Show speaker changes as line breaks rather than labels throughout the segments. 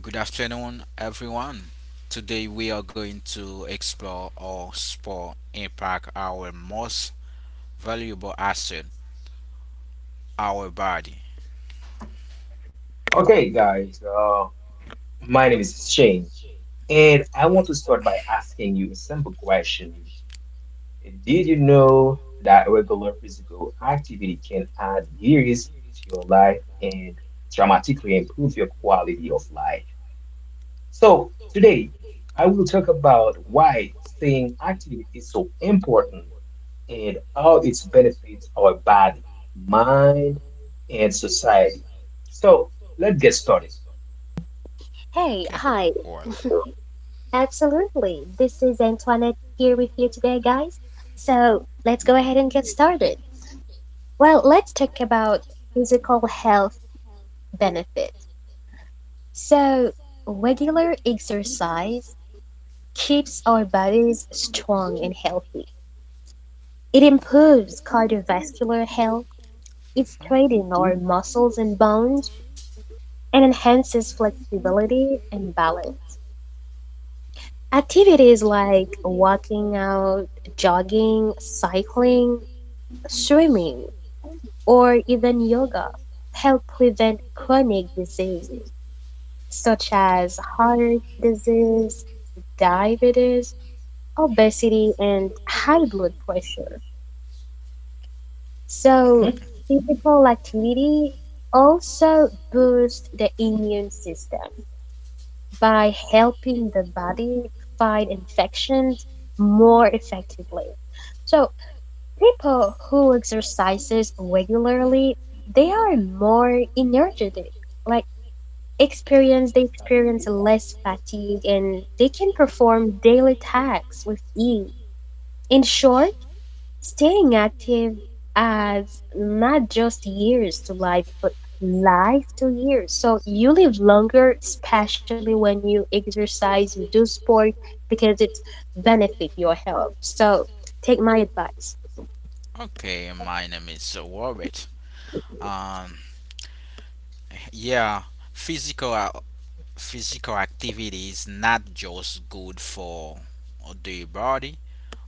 Good afternoon, everyone. Today we are going to explore how sport impact our most valuable asset, our body.
Okay, guys, my name is Shane, and I want to start by asking you a simple question. Did you know that regular physical activity can add years to your life and dramatically improve your quality of life? So, today, I will talk about why staying active is so important and how it benefits our body, mind, and society. So, let's get started.
Hey,
Okay.
hi.
Well.
Absolutely. This is Antoinette here with you today, guys. So let's go ahead and get started. Well, let's talk about physical health benefits. So, regular exercise keeps our bodies strong and healthy. It improves cardiovascular health, it
Mhm.
strengthens our muscles and bones, and enhances flexibility and balance. Activities like walking out, jogging, cycling, swimming, or even yoga help prevent chronic diseases such
Okay.
as heart disease, diabetes, obesity, and high blood pressure. So,
Mhm.
physical activity also boosts the immune system by helping the body fight infections more effectively. So, people who exercises regularly,
Mm.
they are more energetic. Like they experience less fatigue and they can perform daily tasks with ease. In short, staying active adds not just years to life, but life to years. So you live longer, especially when you exercise, you do sport, because it benefit your health. So take my advice.
Okay. My name is Robert. Um. Yeah. Physical uh, physical activity is not just good for the body.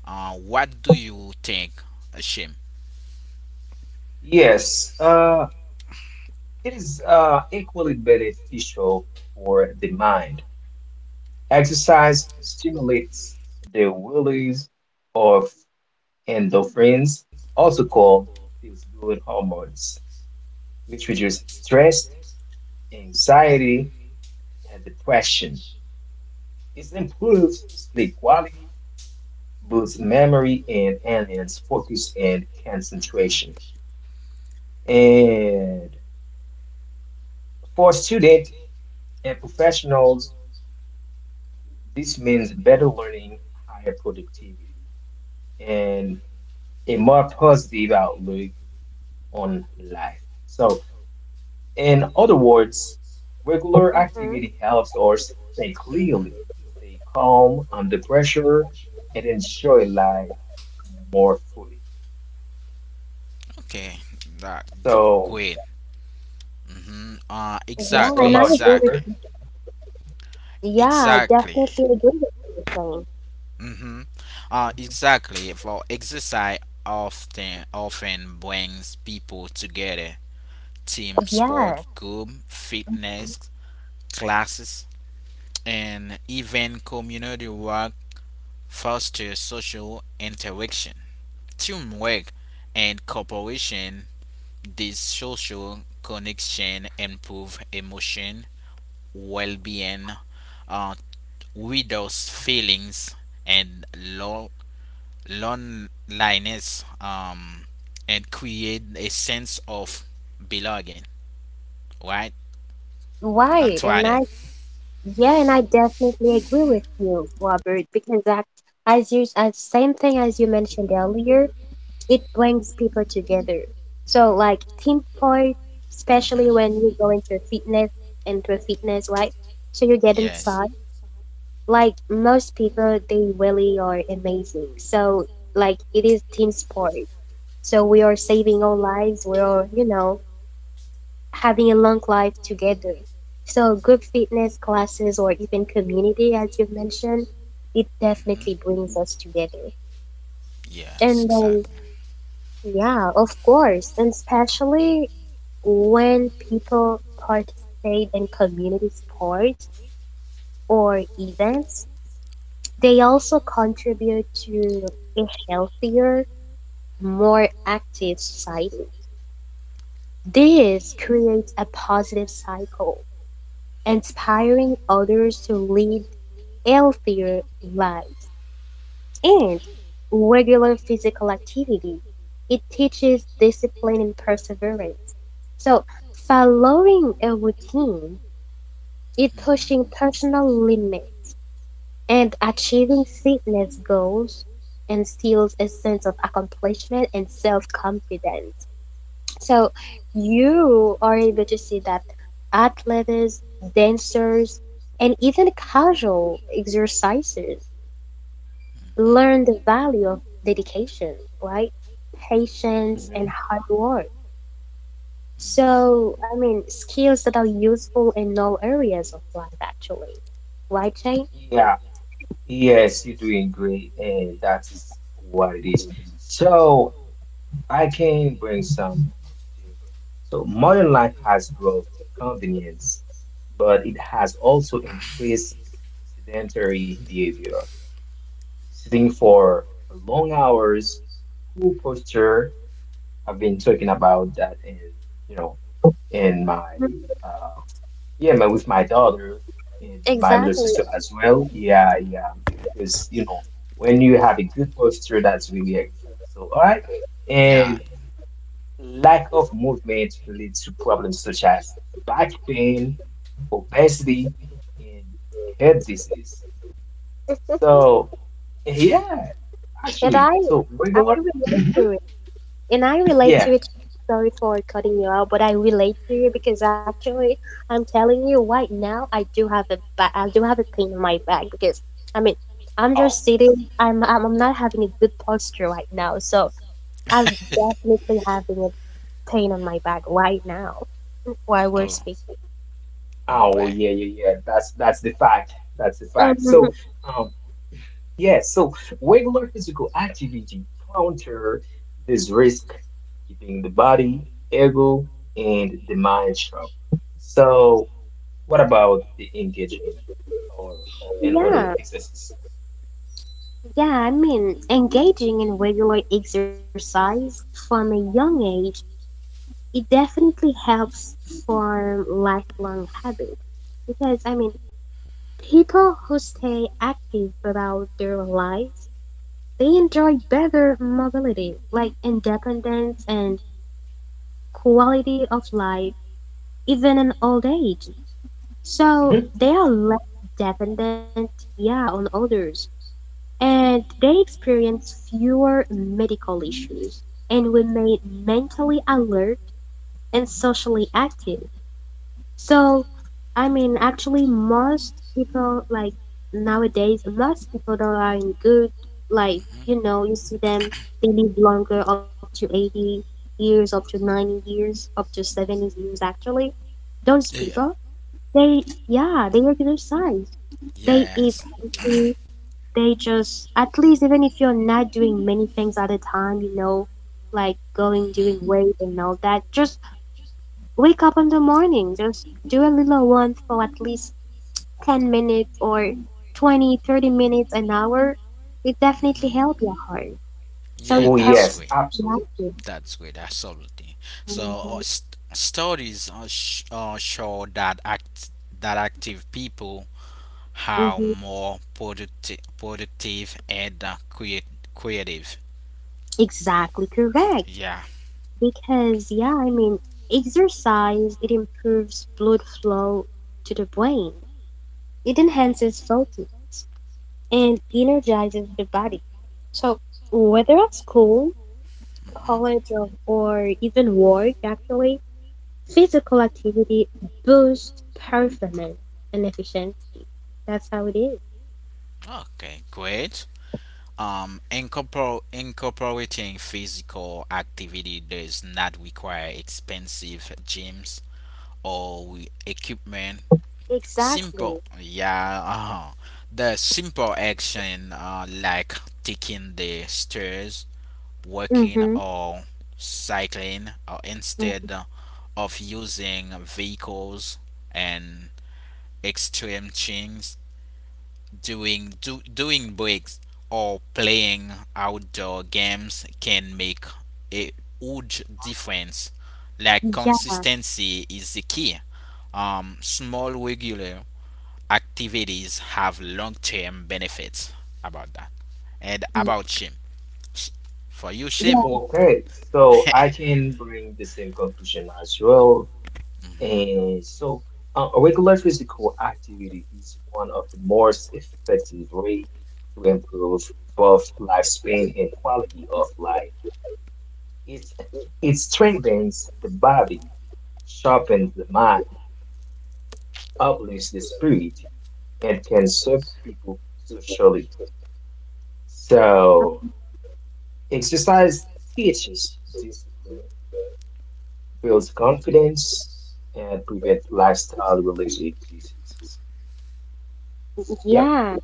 What do you think, Hashim?
Yes, it is equally beneficial for the mind. Exercise stimulates the release of endorphins, also called feels good hormones, which reduce stress, anxiety, and depression. It improves sleep quality, boosts memory, and enhances focus and
Hmm.
concentration. And for students and professionals, this means better learning, higher productivity, and a more positive outlook on life. So, in other words, regular
Mhm.
activity helps us think
Hmm.
clearly, stay calm under pressure, and enjoy life more fully.
Okay,
So,
great. Mm-hmm. Uh,
Yeah,
yes, what
and
exactly,
I
about you,
agree
Albert?
exactly,
with yeah, I
exactly.
definitely agree with you. Shane.
Mm-hmm. Exactly. For exercise often brings people together. Team
Yeah,
sport, group, fitness classes, and even community work foster social interaction, teamwork, and cooperation. This social connection improve emotion, well-being, uh, reduce feelings and loneliness, and create a sense of belonging. Right,
right. And I
Antoinette.
Yeah, and I definitely agree with you, Robert, because that as you as same thing as you mentioned earlier, it brings people together. So like team sport,
Hmm.
especially when you go into fitness, right? So you get
Yes.
inside. Like most people they really are amazing. So like it is team sport. So we are saving our lives. We are, having a long life together. So group fitness classes or even community, as you've mentioned, it
Hmm.
definitely brings us together.
Yes,
And then,
exactly.
yeah, of course, and especially when people participate in community sports or events, they also contribute to a healthier, more active society. This creates a positive cycle inspiring others to lead healthier lives and regular physical activity. It teaches discipline and perseverance. So, following a routine, it pushing
Hmm.
personal limits and achieving fitness goals instills a sense of accomplishment and self-confidence. So you are able to see that athletes, dancers, and even casual exercisers
Mhm.
learn the value of dedication, right? Patience and
hmm
hard work.
Mhm.
So, I mean, skills that are useful in all areas of life, actually. Right, Jane?
Yeah, yes, you're doing great, and that is what it is. So, I can bring some of the table. So modern life has brought convenience, but it has also increased sedentary behavior. Sitting for long hours, cool posture. I've been talking about that in, you know, in my
Mhm.
uh, yeah, my with my daughter and my little
Exactly.
sister as well. Yeah, yeah, because when you have a good posture, that's really helpful. So all right, and
Yeah.
lack of movement leads to problems such as back pain, obesity, and heart disease. So, yeah,
And I,
actually, so
I
regular,
relate to and I relate
yeah.
to it. Sorry for cutting you out, but I relate to you because actually, I'm telling you right now, I do have a I do have a pain in my back because I mean, I'm
Oh,
just sitting. I'm not having a good posture right now, so I'm definitely having a pain on my back right now while we're
Oh.
speaking.
All
oh,
right.
yeah, yeah, yeah. That's the fact. That's the fact.
Mhm.
So, um, yeah, so regular physical activity counter this risk, keeping the body, ego, and the mind sharp. So. What about the engaging or in order
Yeah,
exercise?
yeah. I mean, engaging in regular exercise from a young age, it definitely helps form lifelong habits. Because I mean, people who stay active throughout their lives, they enjoy better mobility, like independence and quality of life, even in old age. So
Mhm.
they are less dependent, yeah, on others, and they experience fewer medical issues and remain mentally alert and socially active. So, I mean, actually, most people like nowadays, most people that are in good, like,
Mhm.
you see them, they live longer up to 80 years, up to 90 years, up to 70 years, actually. Those
Yeah.
people, yeah, they exercise, they eat
Yes.
Yeah.
healthy, they just, at least, even if you're not doing many things at a time, you know, like going,
Mhm.
doing weight and all that, just wake up in the morning, just do a little one for at least 10 minutes or 20, 30 minutes, an hour, it definitely
Mhm.
help your heart. So
Yeah,
Oh,
it helps
that's
yes,
great.
your
absolutely.
life.
That's great, absolutely. So
Mm-hmm.
studies show that active people how
Mm-hmm.
more productive and creative.
Exactly correct.
Yeah.
Because, yeah, I mean, exercise, it improves blood flow to the brain, it enhances focus and energizes the body. So, whether at school,
Mhm.
college, or even work, actually, physical activity boosts performance and efficiency. That's how it is.
Okay, great. Incorporating physical activity does not require expensive gyms or equipment. Simple,
Exactly.
yeah. The simple action like taking the stairs,
Mm-hmm.
walking, or cycling, or
mm
instead of using vehicles and extreme things, doing breaks or playing outdoor games can make a huge difference. Like
Yeah,
consistency is the key. Small regular activities have long-term benefits about that. And
y-
about Shim, S- for you, Shim.
yeah,
Okay, so I can bring the same conclusion as well. And so, a regular physical activity is one of the most effective way to improve both lifespan and quality of life. It, it strengthens the body, sharpens the mind, uplifts the spirit, and can serve people socially. So, exercise teaches discipline, builds confidence, and prevent lifestyle related diseases. Yep.
yeah.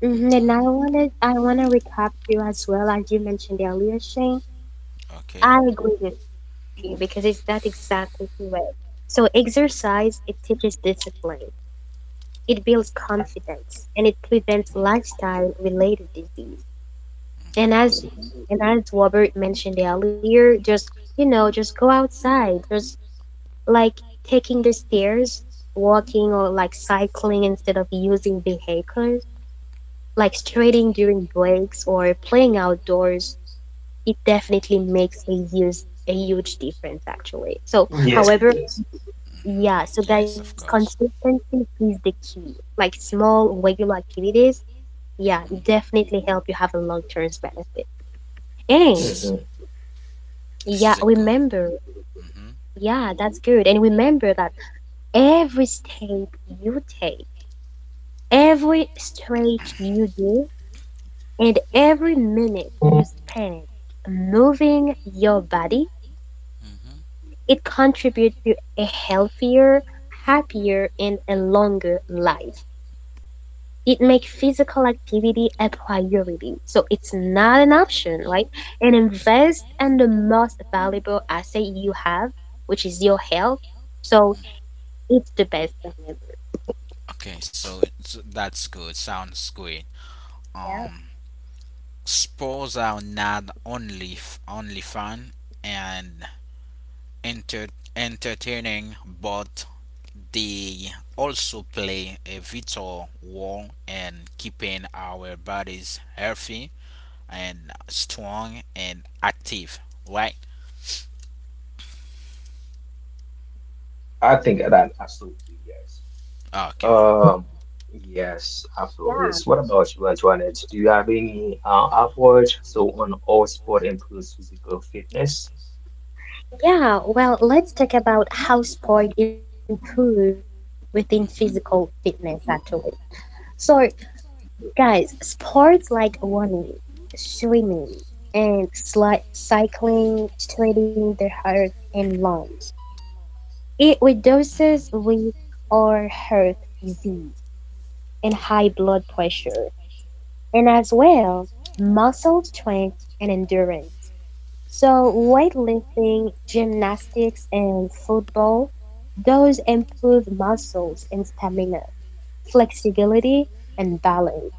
And
Mhm.
I want to recap you as well as you mentioned earlier, Shane. I
Okay.
Mhm.
agree with you because it's that exactly the way. So exercise, it teaches discipline, it builds confidence, and it prevents lifestyle-related disease. And as
Mhm.
Absolutely.
and as Robert mentioned earlier, just you know, just go outside. Just like taking the stairs, walking or like cycling instead of using vehicles, like straighting during breaks or playing outdoors, it definitely makes a huge difference actually. So
Absolutely. Yes, it
however,
does.
Mhm.
yeah, so guys,
Yes, of course.
consistency is the key. Like small regular activities, yeah,
Mhm.
definitely help you have a long term benefit. And
This is
Mhm.
yeah,
this is a
remember
good. Mhm.
yeah, that's good. And remember that every step you take, every stretch you do, and every minute you spend moving your body,
Mhm.
it contributes to a healthier, happier, and a longer life. It makes physical activity a priority. So it's not an option, right? And invest in the most valuable asset you have, which is your health. So
Mm.
it's the best. Thing ever.
Okay, so that's good. Sounds good. Um, sports are not only fun and enter- entertaining, but they also play a vital role in keeping our bodies healthy and strong and active, right?
I think that absolutely yes.
Okay.
Um, yes, absolutely.
Yeah.
Yes. What about you, Antoinette? Do you have any outward so on all sport improves physical fitness?
Yeah, well, let's talk about how sport improve within physical fitness actually. So,
Mhm.
guys, sports like running, swimming, and cycling strengthen the heart and lungs. It reduces
Hmm.
risk or heart disease and high blood pressure, and as well muscle strength and endurance. So, weightlifting,
Hmm.
gymnastics, and football, those improve muscles and stamina, flexibility, and balance,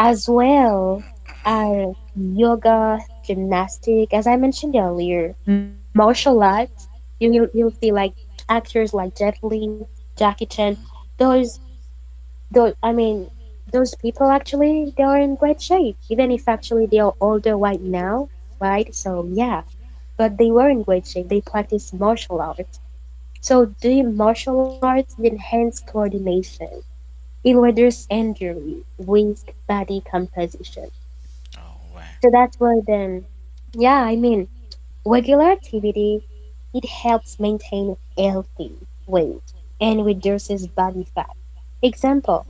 as well as yoga, gymnastic, as I mentioned earlier, martial arts.
Mhm.
You'll see like actors like Jet Li, Jackie Chan,
Hmm. Hmm.
those I mean, those people actually, they are in great shape, even if actually they are older right now, right? So, yeah, but they were in great shape. They practiced martial arts. So, doing martial arts enhances coordination, it reduces injury, risk, body composition.
Oh, right.
So, that's where then, yeah, I mean, regular activity, it helps maintain healthy weight and reduces body fat. Example,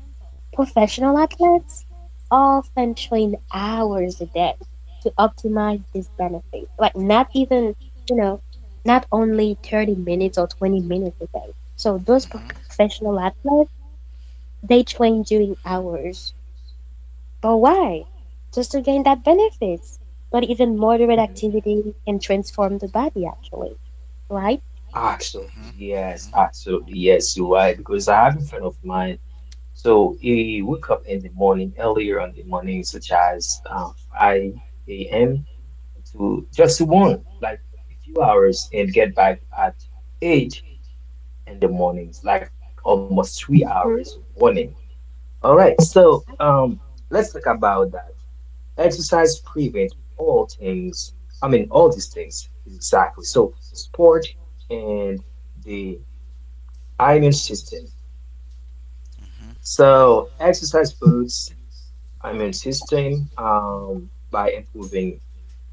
Hmm.
professional athletes often train hours a day to optimize this benefit. Like not even, you know, not only 30 minutes or 20 minutes a day. So those
Hmm.
professional athletes, they train during hours. But why? Just to gain that benefits. But even moderate
Mhm.
activity can transform the body actually, right?
Absolutely, yes, absolutely, yes, you're right. Because I have a friend of mine, so he woke up in the morning, earlier on the morning, such as 5 a.m. to just to one, like a few hours, and get back at 8 in the mornings, like almost 3 hours
Mm-hmm.
warning. All right, so let's talk about that. Exercise prevent all things, I mean, all these things, exactly. So, sport and the immune system.
Hmm. Hmm.
So exercise boosts immune system by improving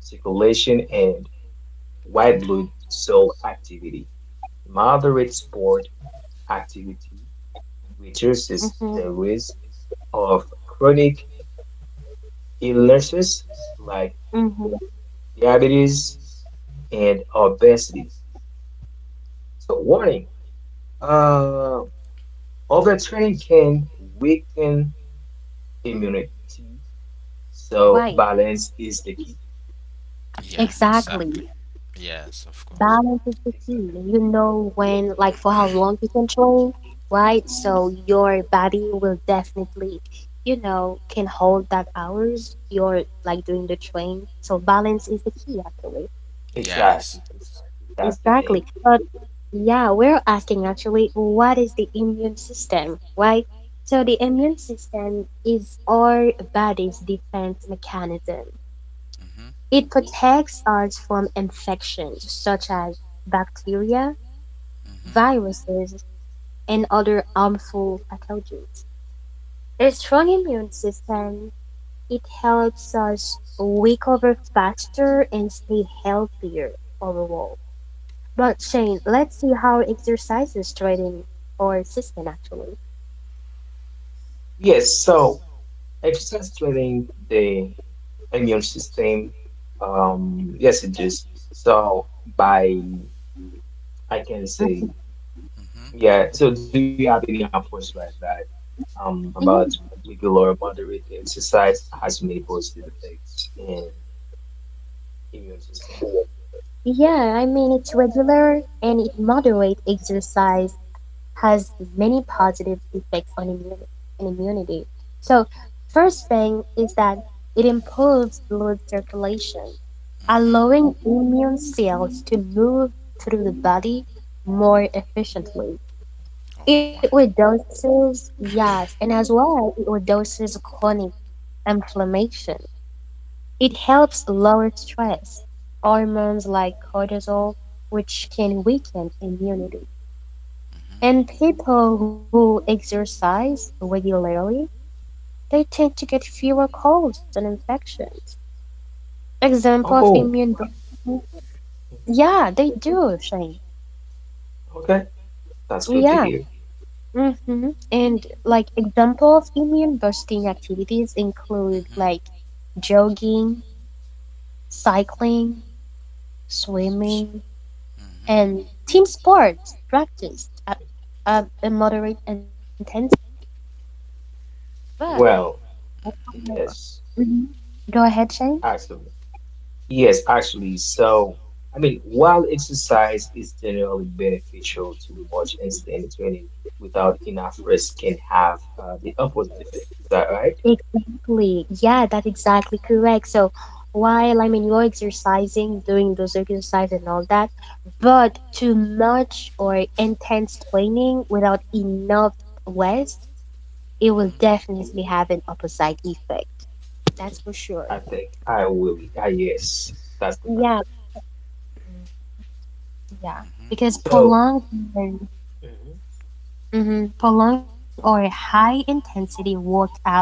circulation and white blood cell activity. Moderate sport activity reduces the risk of chronic illnesses like
Mm-hmm.
diabetes and obesity. So warning, uh, overtraining can weaken immunity, so
Right.
balance is the key.
Yeah, exactly.
Exactly.
Yes, of course.
Balance is the
Exactly.
key.
Yeah.
You know when, like, for how long you can train, right? So your body will definitely, you know, can hold that hours you're like doing the train. So balance is the key, actually.
Yes.
Exactly. Exactly. That's the thing.
Exactly. But yeah, we're asking actually, what is the immune system, right? So the immune system is our body's defense mechanism.
Mhm.
It protects us from infections such as bacteria
Mhm.
viruses, and other harmful pathogens. A strong immune system, it helps us recover faster and stay healthier overall. But Shane, let's see how exercises strengthen our system actually.
Yes. So exercise training the immune system. Yes, it does. So by I can
Mm.
say,
Mhm.
yeah. So do you have any approach by that? About
Yeah,
regular moderate exercise has many positive effects in immune system.
yeah, I mean it's regular and it moderate exercise has many positive effects on immunity. So, first thing is that it improves blood circulation,
Mhm.
allowing immune cells to move through the body more efficiently.
Oh,
It
why?
reduces,
Mhm.
yes, and as well, it reduces chronic inflammation. It helps lower stress, hormones like cortisol, which can weaken immunity. And people who exercise regularly, they tend to get fewer colds and infections. Example of
Oh, wow. Mhm.
Yeah, they do, Shane.
Okay. That's good to
Yeah.
hear.
Mm-hmm. And like example of immune boosting activities include
Mhm.
like jogging, cycling,
S-
swimming,
Mhm.
and team sports practiced at a moderate intensity. But
Oh.
Well,
Mhm.
yes,
Mhm. Go ahead, Shane.
excellent. Yes, actually. So, I mean, while exercise is generally beneficial to much, and stay entertaining without enough rest can have the opposite effect. Is that right?
Exactly. Yeah, that's exactly correct. So while I mean you're exercising, doing those exercise and all that, but too much or intense training without enough rest, it will
Mhm.
definitely have an opposite effect. That's for sure.
I think I will. Ah, yes, that's the fact.
Yeah, yeah.
Mhm.
Because
So, mhm,
prolonged or high intensity workout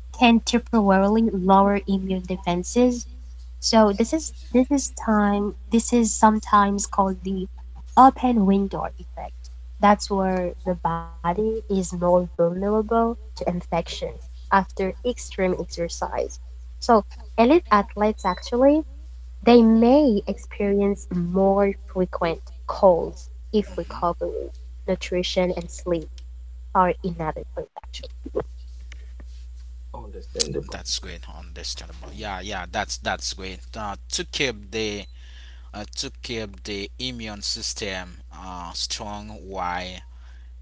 can temporarily lower immune defenses. So this is sometimes called the open window effect. That's where the body is more vulnerable to infections after extreme exercise. So elite athletes actually they may experience more frequent colds if
Mhm.
recovery, nutrition and sleep are inadequate actually.
understandable.
That's great, understandable. Yeah, yeah, that's great. To keep the immune system strong while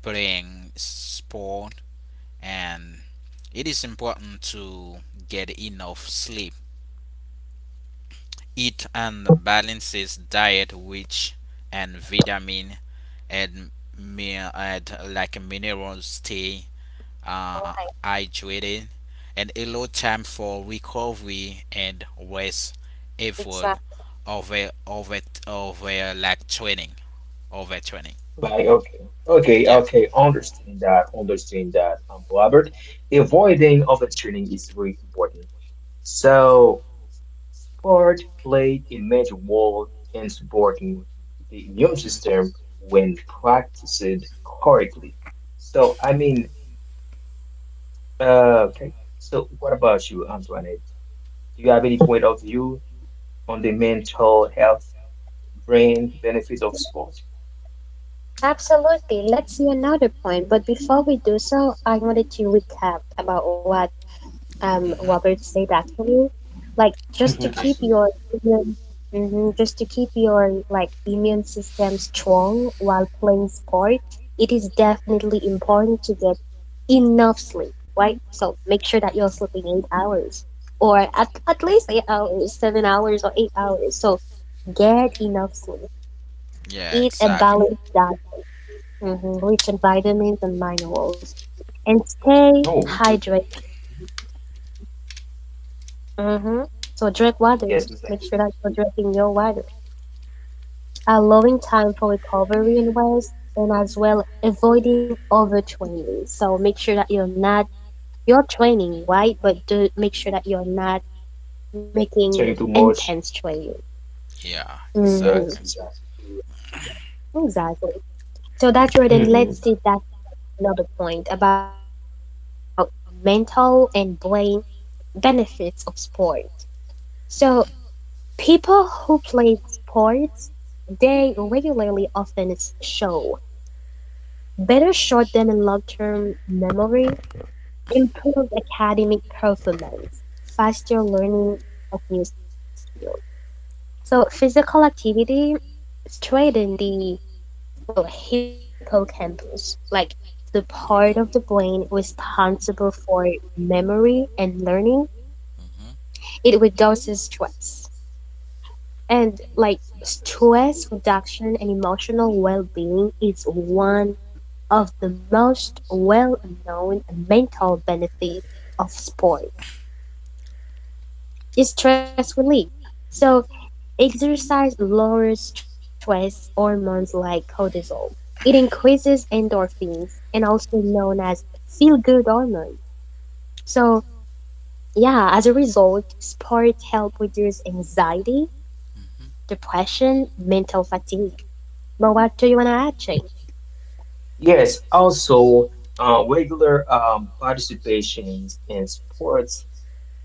playing sport, and it is important to get enough sleep, eat and balances diet, which and vitamin and and like minerals, stay uh, hydrated, and allow time for recovery and rest effort
Exactly.
over over over like training over training.
Like, okay, okay,
Yeah.
okay. Understand that. Understand that, Robert. Avoiding overtraining is very important. So. Sport played a major role in supporting the immune system when practiced correctly. So, I mean, okay. So, what about you, Antoinette? Do you have any point of view on the mental health, brain benefits of sport?
Absolutely. Let's see another point. But before we do so, I wanted to recap about what
Hmm. Hmm.
Robert said actually. Like
Mhm.
Okay.
Absolutely.
immune, just to keep your like immune system strong while playing sport, it is definitely important to get enough sleep, right? So make sure that you're
Hmm.
sleeping 8 hours or at least 8 hours, 7 hours or 8 hours. So get enough sleep. Eat
Yeah.
a
Exactly.
balanced diet hmm rich in vitamins and minerals, and stay
Oh, good to hear. Mhm.
hydrated.
That. Mhm.
Hmm. So drink water.
Yes, exactly.
Make sure that you're drinking your water, allowing time for
Yes.
recovery and rest, and as well avoiding overtraining. So make sure that you're not you're training, right? But do make sure that you're not making
Thank too
intense
much.
training.
Yeah.
Hmm.
Yes,
Exactly.
exactly.
Exactly. So that's right. And
hmm
let's see that another point about mental and brain benefits of sport. So people who play sports they regularly often show better short term and long term memory, improved academic performance, faster learning of new skills. So physical activity strengthens the well hippocampus, like the part of the
Yeah,
brain responsible for memory and learning.
Hmm.
It reduces stress and like
yes, that's a good.
stress reduction and emotional well-being is one of the most well-known mental benefits of sport. It's stress relief, so exercise lowers stress hormones like cortisol. It increases endorphins and also known as feel-good hormone. So yeah, as a result, sports help reduce anxiety, depression, mental fatigue. But what do you want to add, Jane?
Yes, also regular participations in sports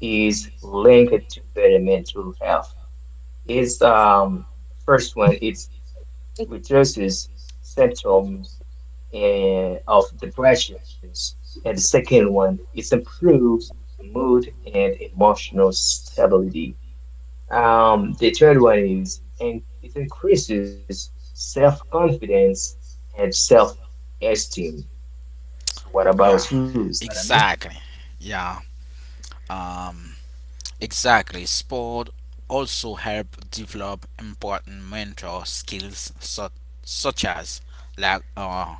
is linked to better mental health. It's first one, it reduces symptoms of depressions, and the second one, it improves mood and emotional stability. The third one is, and it increases self-confidence and self-esteem. So what
Yeah,
about you, Zlatamir?
exactly. Yeah, um, exactly. Sport also help develop important mental skills such as like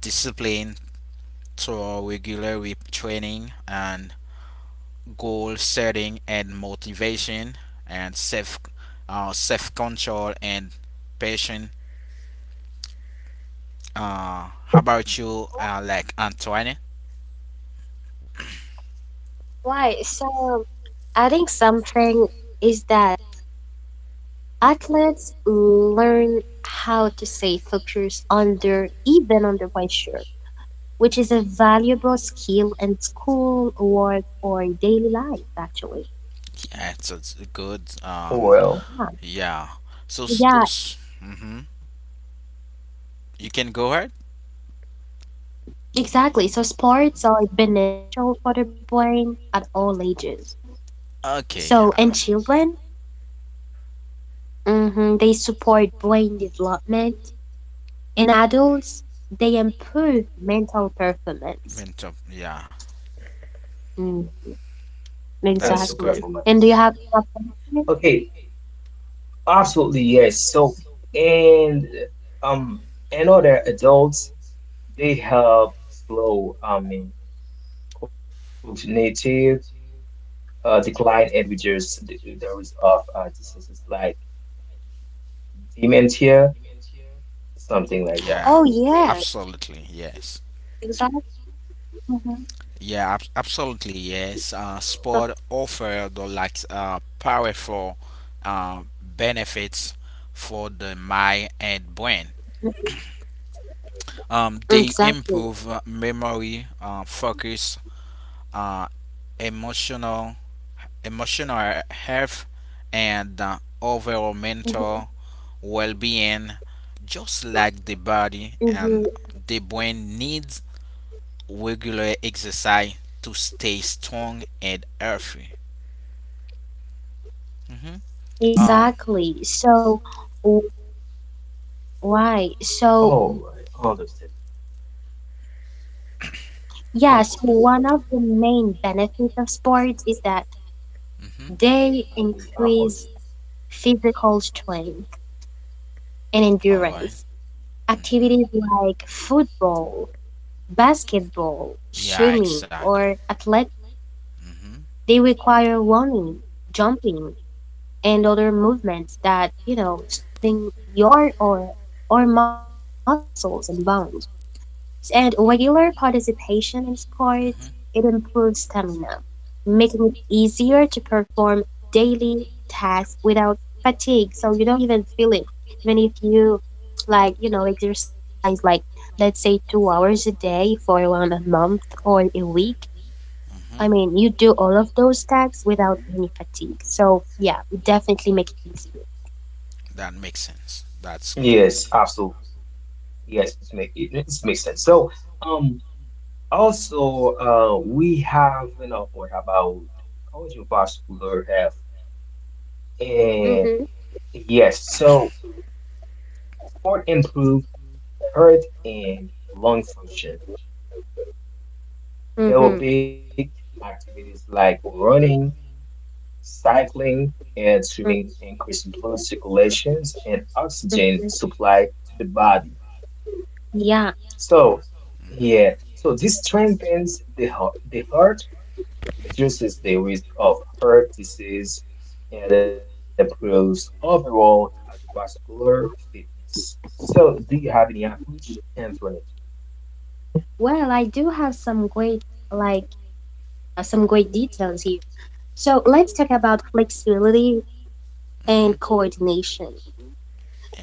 discipline through regular training and goal setting and motivation and self control and patient. How about you, like Antoine?
Right. So adding something is that athletes learn how to stay focused under even under pressure, which is a valuable skill in school, work, or daily life, actually.
Yeah, it's a good.
Well,
Yeah. So,
Yeah,
mm-hmm. You can go ahead.
exactly. So sports are beneficial for the brain at all ages.
Okay.
So in children, mhm, they support brain development. In adults, they improve mental performance.
Mint up. Yeah.
Mm.
mental
That's
Exactly.
great.
And do you
performance.
have preference?
Okay, absolutely yes. So and um and other adults they help slow in cognitive decline and reduce the risk of diseases like dementia, something like that.
Yeah.
Oh yeah,
Absolutely. Yes.
exactly. Mhm.
Yeah. Absolutely. Yes. Uh,
So,
sport
Go-
offer the like powerful benefits for the mind and brain.
mm,
They
exactly.
improve memory, focus, uh, emotional emotional health, and overall mental
Hmm.
well being. Just like the body and
Hmm.
the brain needs regular exercise to stay strong and healthy. Hmm. Um,
Exactly. So w-
all
why?
right,
So
understand, understand.
yeah, so one of the main benefits of sports is that
Do you
mhm.
have any
they
upward?
increase physical strength and
All right.
endurance. Activities
Mhm.
like football, basketball,
Yeah,
swimming,
exactly.
or athletic,
Hmm.
they require running, jumping, and other movements that strengthen your or muscles and bones. And regular participation in sports, it
Hmm.
improves stamina, making it easier to perform daily tasks without fatigue. So you don't even feel it, even if you like exercise, like let's say 2 hours a day for one a month or a week.
Hmm.
I mean, you do all of those tasks without any fatigue. So yeah, definitely make it easy.
That makes sense. That's good.
Yes, absolutely. Yes, it's make it, it makes sense. So. Um, Also, we have an report about cardiovascular health. And
Mhm.
yes, so sport improve heart and lung function.
Mhm.
Aerobic activities like running, cycling, and swimming
Mhm.
increase blood circulations and oxygen supply to the body.
Yeah.
So,
Hmm.
yeah, so this strengthens the heart reduces the risk of heart disease, and improves overall cardiovascular fitness. So, do you have any approach, Anthony?
Well, I do have like some great details here. So let's talk about flexibility and
Mhm.
coordination.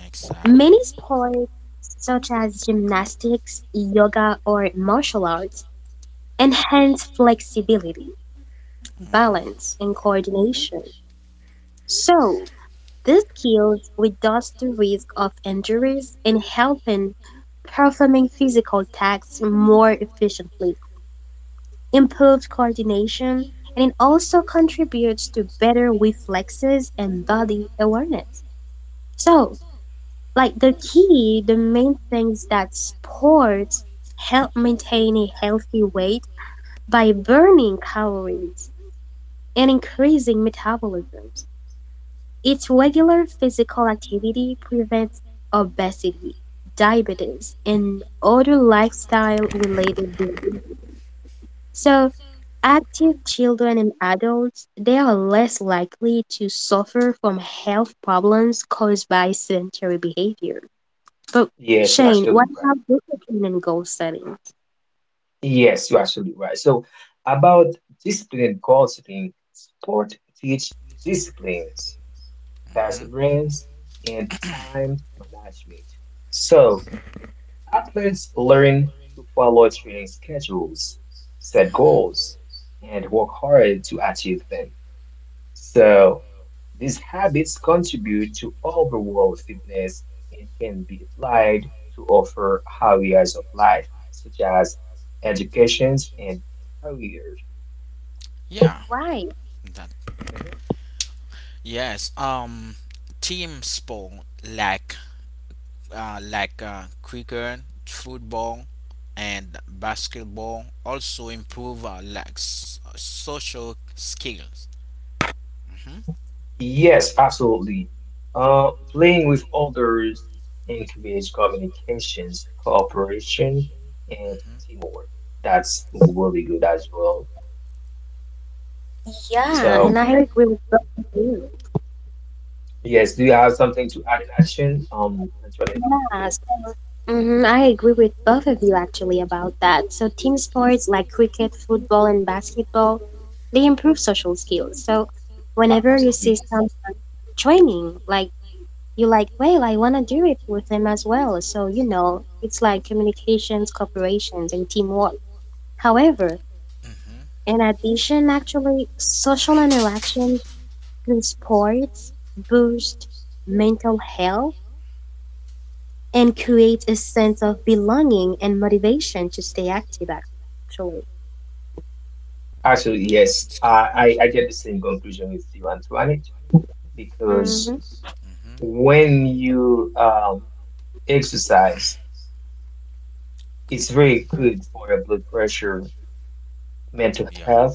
Exactly.
Mhm.
Many sports such as gymnastics, yoga, or martial arts enhance flexibility,
Mhm.
balance, and coordination. So these skills reduce the risk of injuries and helping performing physical tasks more efficiently. Improved coordination, and it also contributes to better reflexes and body awareness. So, like the main things that sports help maintain a healthy weight by burning calories and increasing metabolisms. Its regular physical activity prevents obesity, diabetes, and other lifestyle related diseases. So, active children and adults, they are less likely to suffer from health problems caused by sedentary behavior. But
Yes, you're
Shane,
actually
what
right.
about discipline and goal setting?
Yes, you're actually right. So, about discipline and goal setting, sport teach disciplines,
Mhm.
perseverance, and time management. So, athletes learn to follow training schedules, set
Mhm.
goals, and work hard to achieve them. So, these habits contribute to overall fitness and can be applied to other areas of life, such as education and career.
Yeah.
Right.
That.
Mhm.
Yes. Team sport like like cricket, football, and basketball also improve like social skills. Mhm.
Yes, absolutely. Playing with others encourages communications, cooperation, and
Mhm.
teamwork. That's really good as well.
Yeah, and
Oh.
I
So,
agree with both of you.
mm-hmm. Yes, do you have
Mhm.
something to add in addition? Antoinette?
Yes. I agree with both of you actually about that. So team sports like cricket, football, and basketball, they improve social skills. So
A-
whenever you
Absolutely.
see
Yes.
Mhm.
some training, like you're like, well, I want to do it with them as well. So, it's like communications, cooperations, and teamwork. However,
Mhm.
in addition, actually, social interaction through sports boost mental health and create a sense of belonging and motivation to stay active, actually.
Actually,
Yes.
yes.
It's
I, I,
correct.
I get the same conclusion with you, Antoinette,
Hmm.
because
Mm-hmm.
when you exercise, it's very
Hmm.
good for your blood pressure mental
Yeah.
health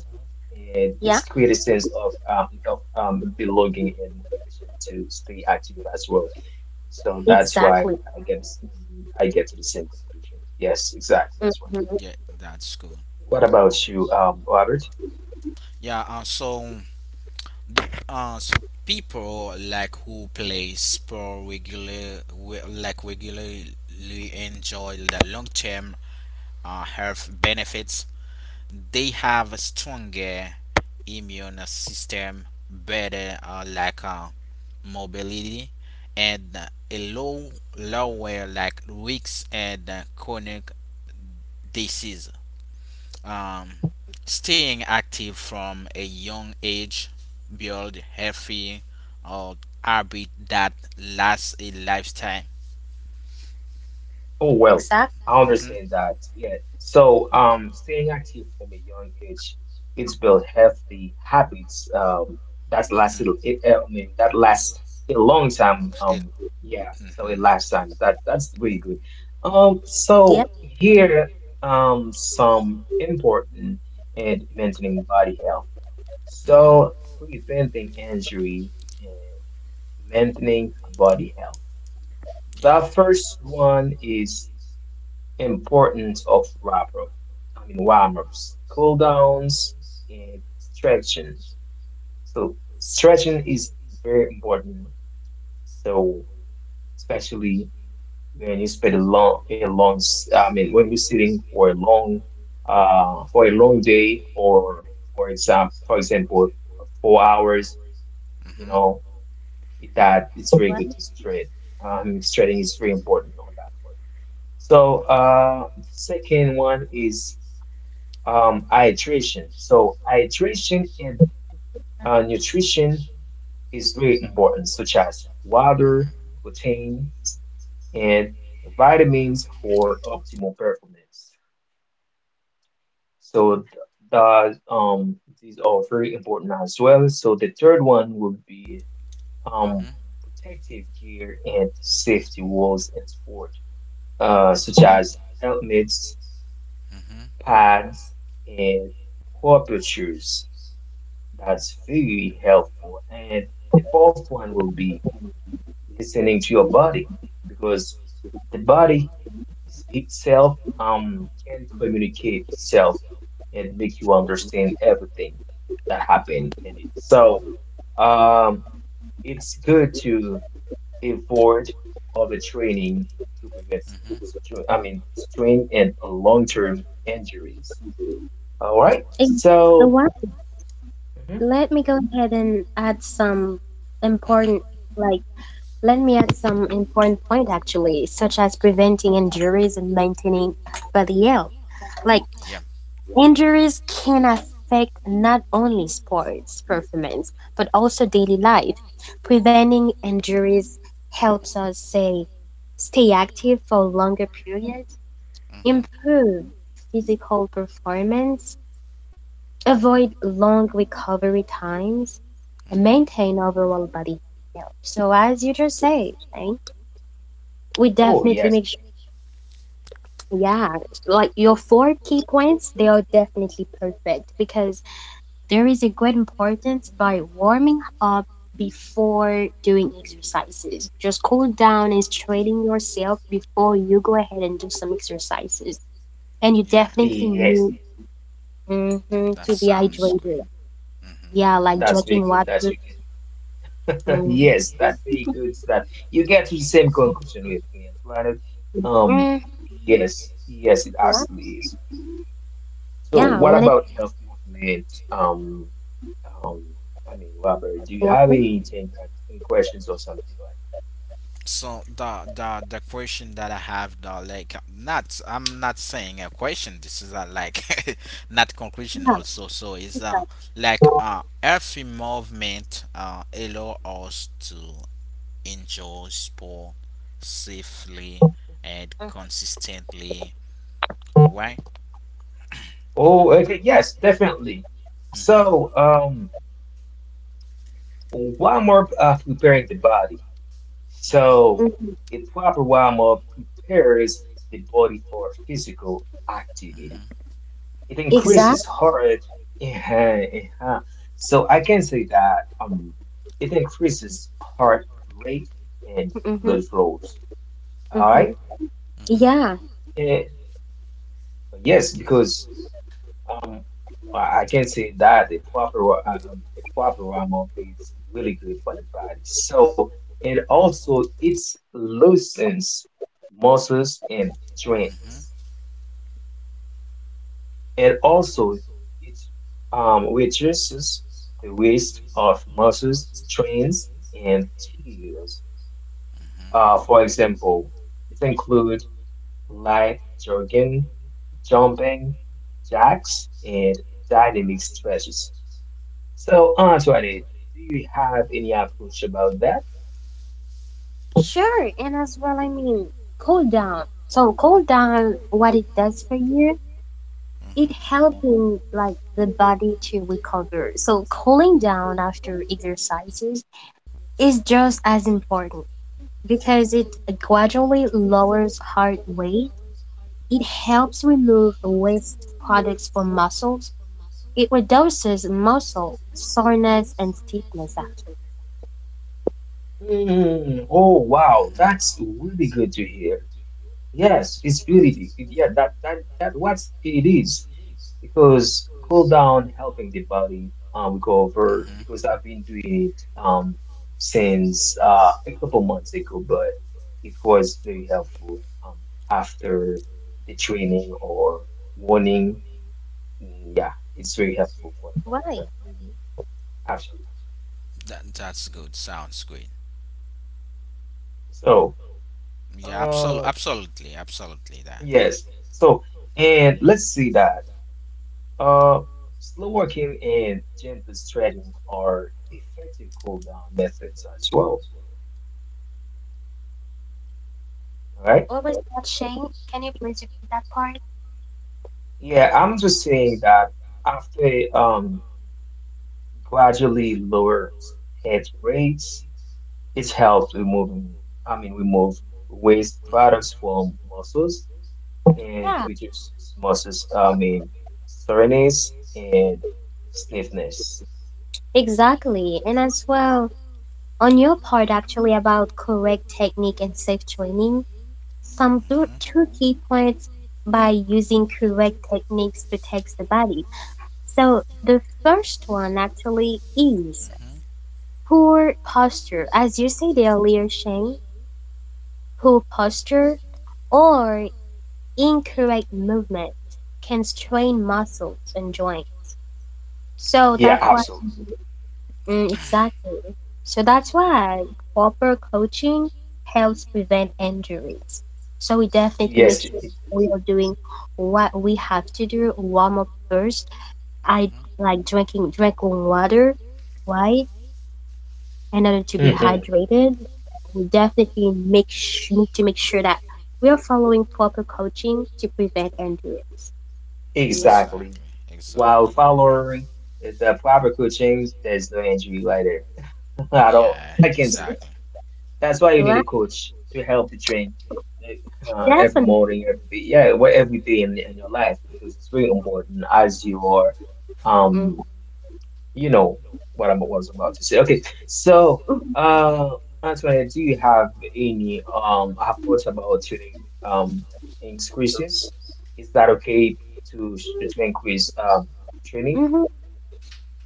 and
Yeah,
its sense of belonging and motivation to stay active as well. So
Mm-hmm.
that's
exactly.
why I get I get to the same conclusion. Yes, exactly.
Hmm.
That's why.
Yeah, that's good.
What about you, Robert?
Yeah. So people like who play sport like regularly enjoy the long term health benefits. They have a stronger immune system, better like mobility, and a lower like risks and chronic disease. Um, staying active from a young age build healthy or habit that lasts a lifetime.
Oh well,
Exactly.
I
Hmm.
understand that. Yeah. So staying active from a young age, it's built healthy habits that lasted it,
Hmm.
I mean that lasts a long time.
It,
Yeah, so
hmm.
it lasts time. That's really good.
Yep.
So here some important and maintaining body health.
Hmm.
So preventing injury and maintaining body health. The
Yeah.
first one is importance of wrapper, I mean warm-ups, cool downs, and stretching. So stretching is very important. So especially when you spend a long, I mean when you're sitting for a long day, or for example, 4 hours, you
Hmm.
know, that it's
Well,
very good to stretch. Stretching is very important on that one. So
Okay.
the second one is hydration. So hydration and nutrition is very important, such as water, protein, and vitamins for optimal performance. So these are very important as well. So the third one would be um,
Hmm.
protective gear and safety rules in sport, such as helmets,
Hmm.
pads, and proper shoes. That's very helpful. And the fourth one will be listening to your body because the body is itself can communicate itself and make you understand everything that happened in it. So um, it's good to avoid overtraining to prevent,
Hmm.
I mean, strain and long-term injuries. All right.
Ex-
So,
well,
mhm.
let me go ahead and add some
Hmm.
important like let me add some important point actually, such as preventing injuries and maintaining body health. Like
Yeah.
injuries can affect not only sports performance but also daily life. Preventing injuries helps us say stay active for longer periods,
Hmm.
improve physical performance, avoid long recovery times, and
Hmm.
maintain overall body health. So as you just said, right, we
Oh
definitely
yes,
make. Yeah, like your four key points, they are definitely perfect because there is a great importance by warming up before doing exercises. Just cool down and straighten yourself before you go ahead and do some exercises. And you
Yeah.
definitely
yes.
need, mhm,
That
to be
sounds
hydrated.
great. Hmm.
Yeah, like
That's very
drinking
good that
water.
you get. Yes,
Mhm.
that's very good that you get to the same conclusion with me, Antoinette. Um,
Mm.
yes, yes, it
Yeah,
actually is. So,
yeah, I
what
wanted.
about the health movement? Um, I mean, Robert, do you have anything, like, any questions or something like?
So the question that I have, the like not, I'm not saying a question, this is a like not conclusion
Yeah,
also, so it's like every movement allow us to enjoy sport safely and consistently. Why?
Oh, okay, yes, definitely.
Mm-hmm.
So, warm up preparing the body. So,
Mm-hmm.
mhm,
a proper warm up prepares the body for physical activity. It
exactly.
increases her yeah, yeah. So I can say that it increases heart rate and
Hmm.
blood flows, all
Hmm.
right.
Hmm. Hmm.
Yeah.
Eh, yes because um I can say that the proper amount is really good for the body, so and also it loosens muscles and joints and also it reduces the waste of muscles, strains, and tears. For example, it includes light jogging, jumping jacks, and dynamic stretches. So, Antoinette, do you have any approach about that?
Sure, and as well, I mean, cool down. So cool down, what it does for you, it
Hmm.
helping like the body to recover. So cooling down after exercises is just as important because it gradually lowers heart rate. It helps remove waste products from muscles. It reduces muscle soreness and stiffness. Actually,
Mm, oh wow, that's really good to hear. Yes, it's really yeah, that that what it is. Because cool down helping the body go
Hmm.
over
Hmm.
because I've been doing it since a couple months ago, but it was very helpful um after the training or warning. Mm, yeah, it's very helpful for the body.
right?
Mhm, actually.
That's good. Sounds good.
So
Yeah, absolutely,
uh
absolutely, absolutely that.
yes. So and let's see that uh slow working and gentle stretching are effective cool down methods as well.
I'm
Right.
always not Shane. Can you please repeat that part?
Yeah, I'm just saying that after gradually lower head rates, it's helped removing, I mean, remove waste products from muscles and
Yeah.
reduces muscles, I mean, soreness and stiffness.
Exactly, and as well, on your part actually about correct technique and safe training, some two,
Mhm.
two key points by using correct techniques protects the body. So the first one actually is
Mhm.
poor posture. As you said earlier, Shane, poor posture or incorrect movement can strain muscles and joints.
All
So
Yeah,
that's
right.
why.
absolutely.
Mm, exactly. So that's why proper coaching helps prevent injuries. So we definitely make
Yes, it
sure
it
we are doing what we have to do. Warm up first. I
Mhm.
like drinking water, right? In order to be
is.
hydrated,
Mhm,
we definitely make need to make sure that we are following proper coaching to prevent injuries. Yeah,
exactly.
Exactly.
While
Exactly. You are right.
following the proper coaching, there's no injury later at all.
Yeah.
I can say.
Exactly.
That's why you need
well,
a coach to help you train like, every
definitely.
morning, every day, yeah, well, every day in your life because it's very important as you are, um,
Hmm.
you know what I was about to say. Okay, so
Mhm.
uh, Antoinette, do you have any thoughts about training increases? Is that okay to increase training?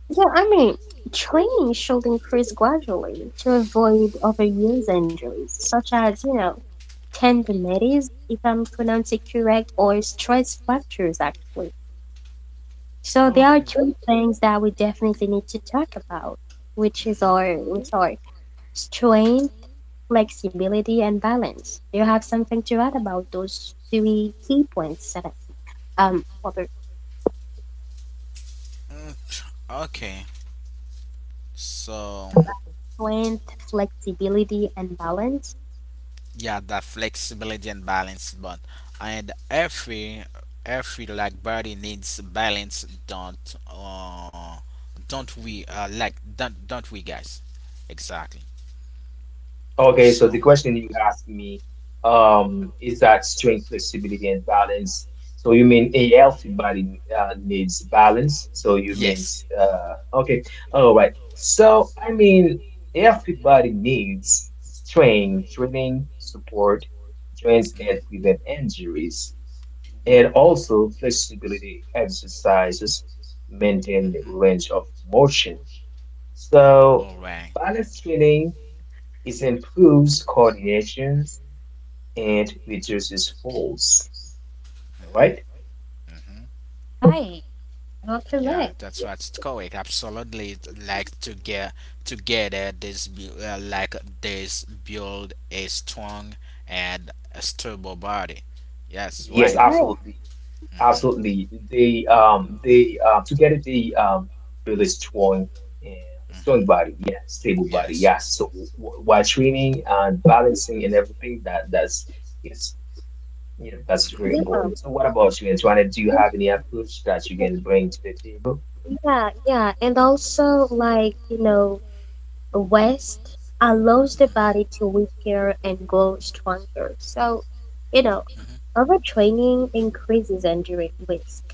Yeah, I mean, training should increase gradually to avoid overuse injuries, such as tendinitis, if I'm pronouncing it correct, or stress fractures, actually. So there are
Okay.
two things that we definitely need to talk about, which is
Mhm.
our, which are strength, flexibility, and balance. Do you have something to add about those three key points, Seven? Robert,
Mm. Okay. So.
strength, flexibility, and balance?
Yeah, that flexibility and balance, but and every like body needs balance, don't we, like don't we, guys? Exactly,
Okay, so
so
the question you asked me, is that strength, flexibility, and balance. So you mean a healthy body needs balance. So you
yes.
means okay, all right. So I mean, a healthy body needs strength, training, support, joints,
Mhm.
and prevent injuries, and also flexibility exercises, maintain
Mhm.
range of motion. So
All right.
balance training it improves coordinations and reduces falls. All
Mhm.
right?
Mhm.
Right, you're correct.
Yeah, that's what's correct. Absolutely, it's like to get together, this like this build a strong and a stable body. Yes,
Yes,
right.
Right.
absolutely,
Mhm,
absolutely. They together they build a strong and
mhm.
strong body, yeah, stable body,
Yes.
yeah. So while training and balancing and everything that's is
Mhm,
that's very
Yeah.
mhm,
important. So what about you, Antoinette? Do you have any approach that you can bring to the table?
Yeah, yeah. And also, like, rest allows the body
mhm,
to repair and grow stronger. So, you know, overtraining increases injury risk.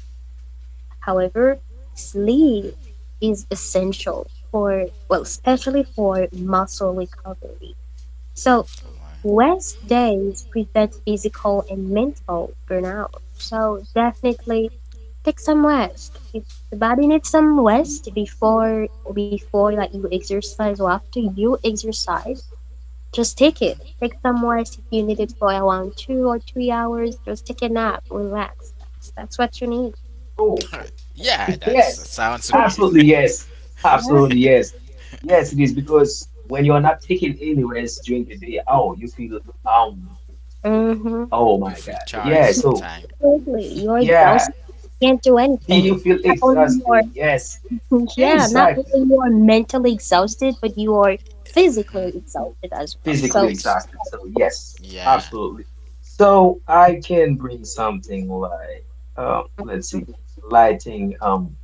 However, sleep
mhm.
is essential for, well, especially for muscle recovery. So,
Alright,
rest days prevent physical and mental burnout. So, definitely take some rest. If the body needs some rest before you exercise or after you exercise, just take
mhm.
it. Take some rest if you need it for around 2 or 3 hours. Just take a nap, relax. That's what you need.
Oh.
Yeah,
Yes,
that sounds great.
absolutely. Yes,
Yeah.
absolutely. Yes, yes, it is because when you're not taking any rest during the day, oh, you feel
Mm-hmm.
oh my
You feel
God,
tired
yeah. So
sometime.
Totally. You're
yeah,
exhausted. You can't do anything.
you feel
Not only you're
exhausted. Yes,
Yeah, not
exactly,
only you are mentally exhausted, but you are
Mhm.
physically exhausted as well.
physically
So,
Ex-
exhausted. So yes,
yeah.
absolutely. So I can bring something like, let's see, lighting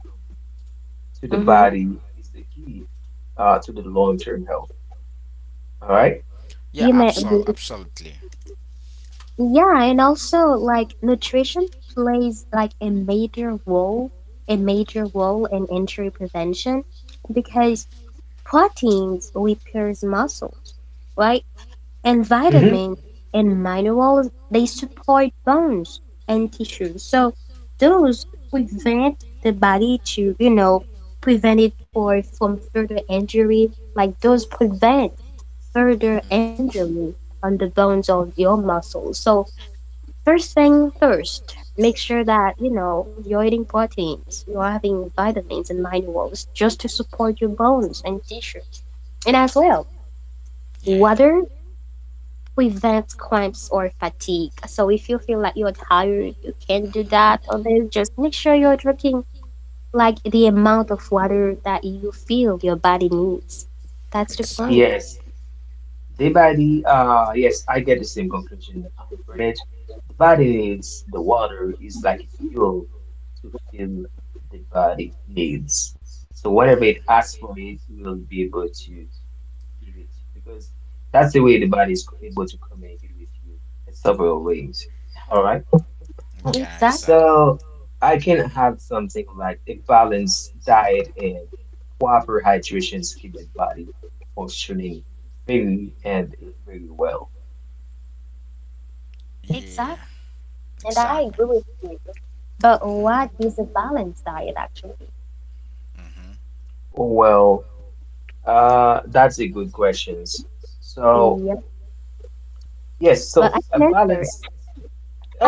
to the
mm-hmm.
body is the key to the long-term health. All right.
Yeah,
you may
absolutely.
Yeah, and also like nutrition plays like a major role in injury prevention because
Hmm.
proteins repairs muscles, right? And
Mm-hmm.
vitamins and minerals, they support bones and tissues. So those prevent the body to, prevent it for from further injury, like those prevent further
Hmm.
injury on the bones of your muscles. So, first thing first, make sure that, you're eating proteins, you're having vitamins and minerals just to support your bones and tissues. And as well,
Yeah.
water prevents cramps or fatigue. So if you feel like you're tired, you can't do
Hmm.
that or this, just make sure you're drinking like the amount of water that you feel your body needs. That's the point.
Exactly.
Yes. Day by day,
Hmm.
yes, I get the same conclusion from the body needs the water is like a fuel to fill the body needs. So whatever it asks
Hmm.
for, it will be able to give it because that's the way the body is able to communicate with you in several ways. All right.
Yeah,
Exactly.
exactly.
So I can
Hmm.
have something like a balanced diet and proper hydration to keep the body functioning really and very well.
Yeah,
Exactly. And I
exactly.
agree with you. But
Hmm.
Mm.
what is a balanced diet actually?
Hmm.
Well, that's a good questions. So yes,
Well,
so
I
a
can answer it.
balance.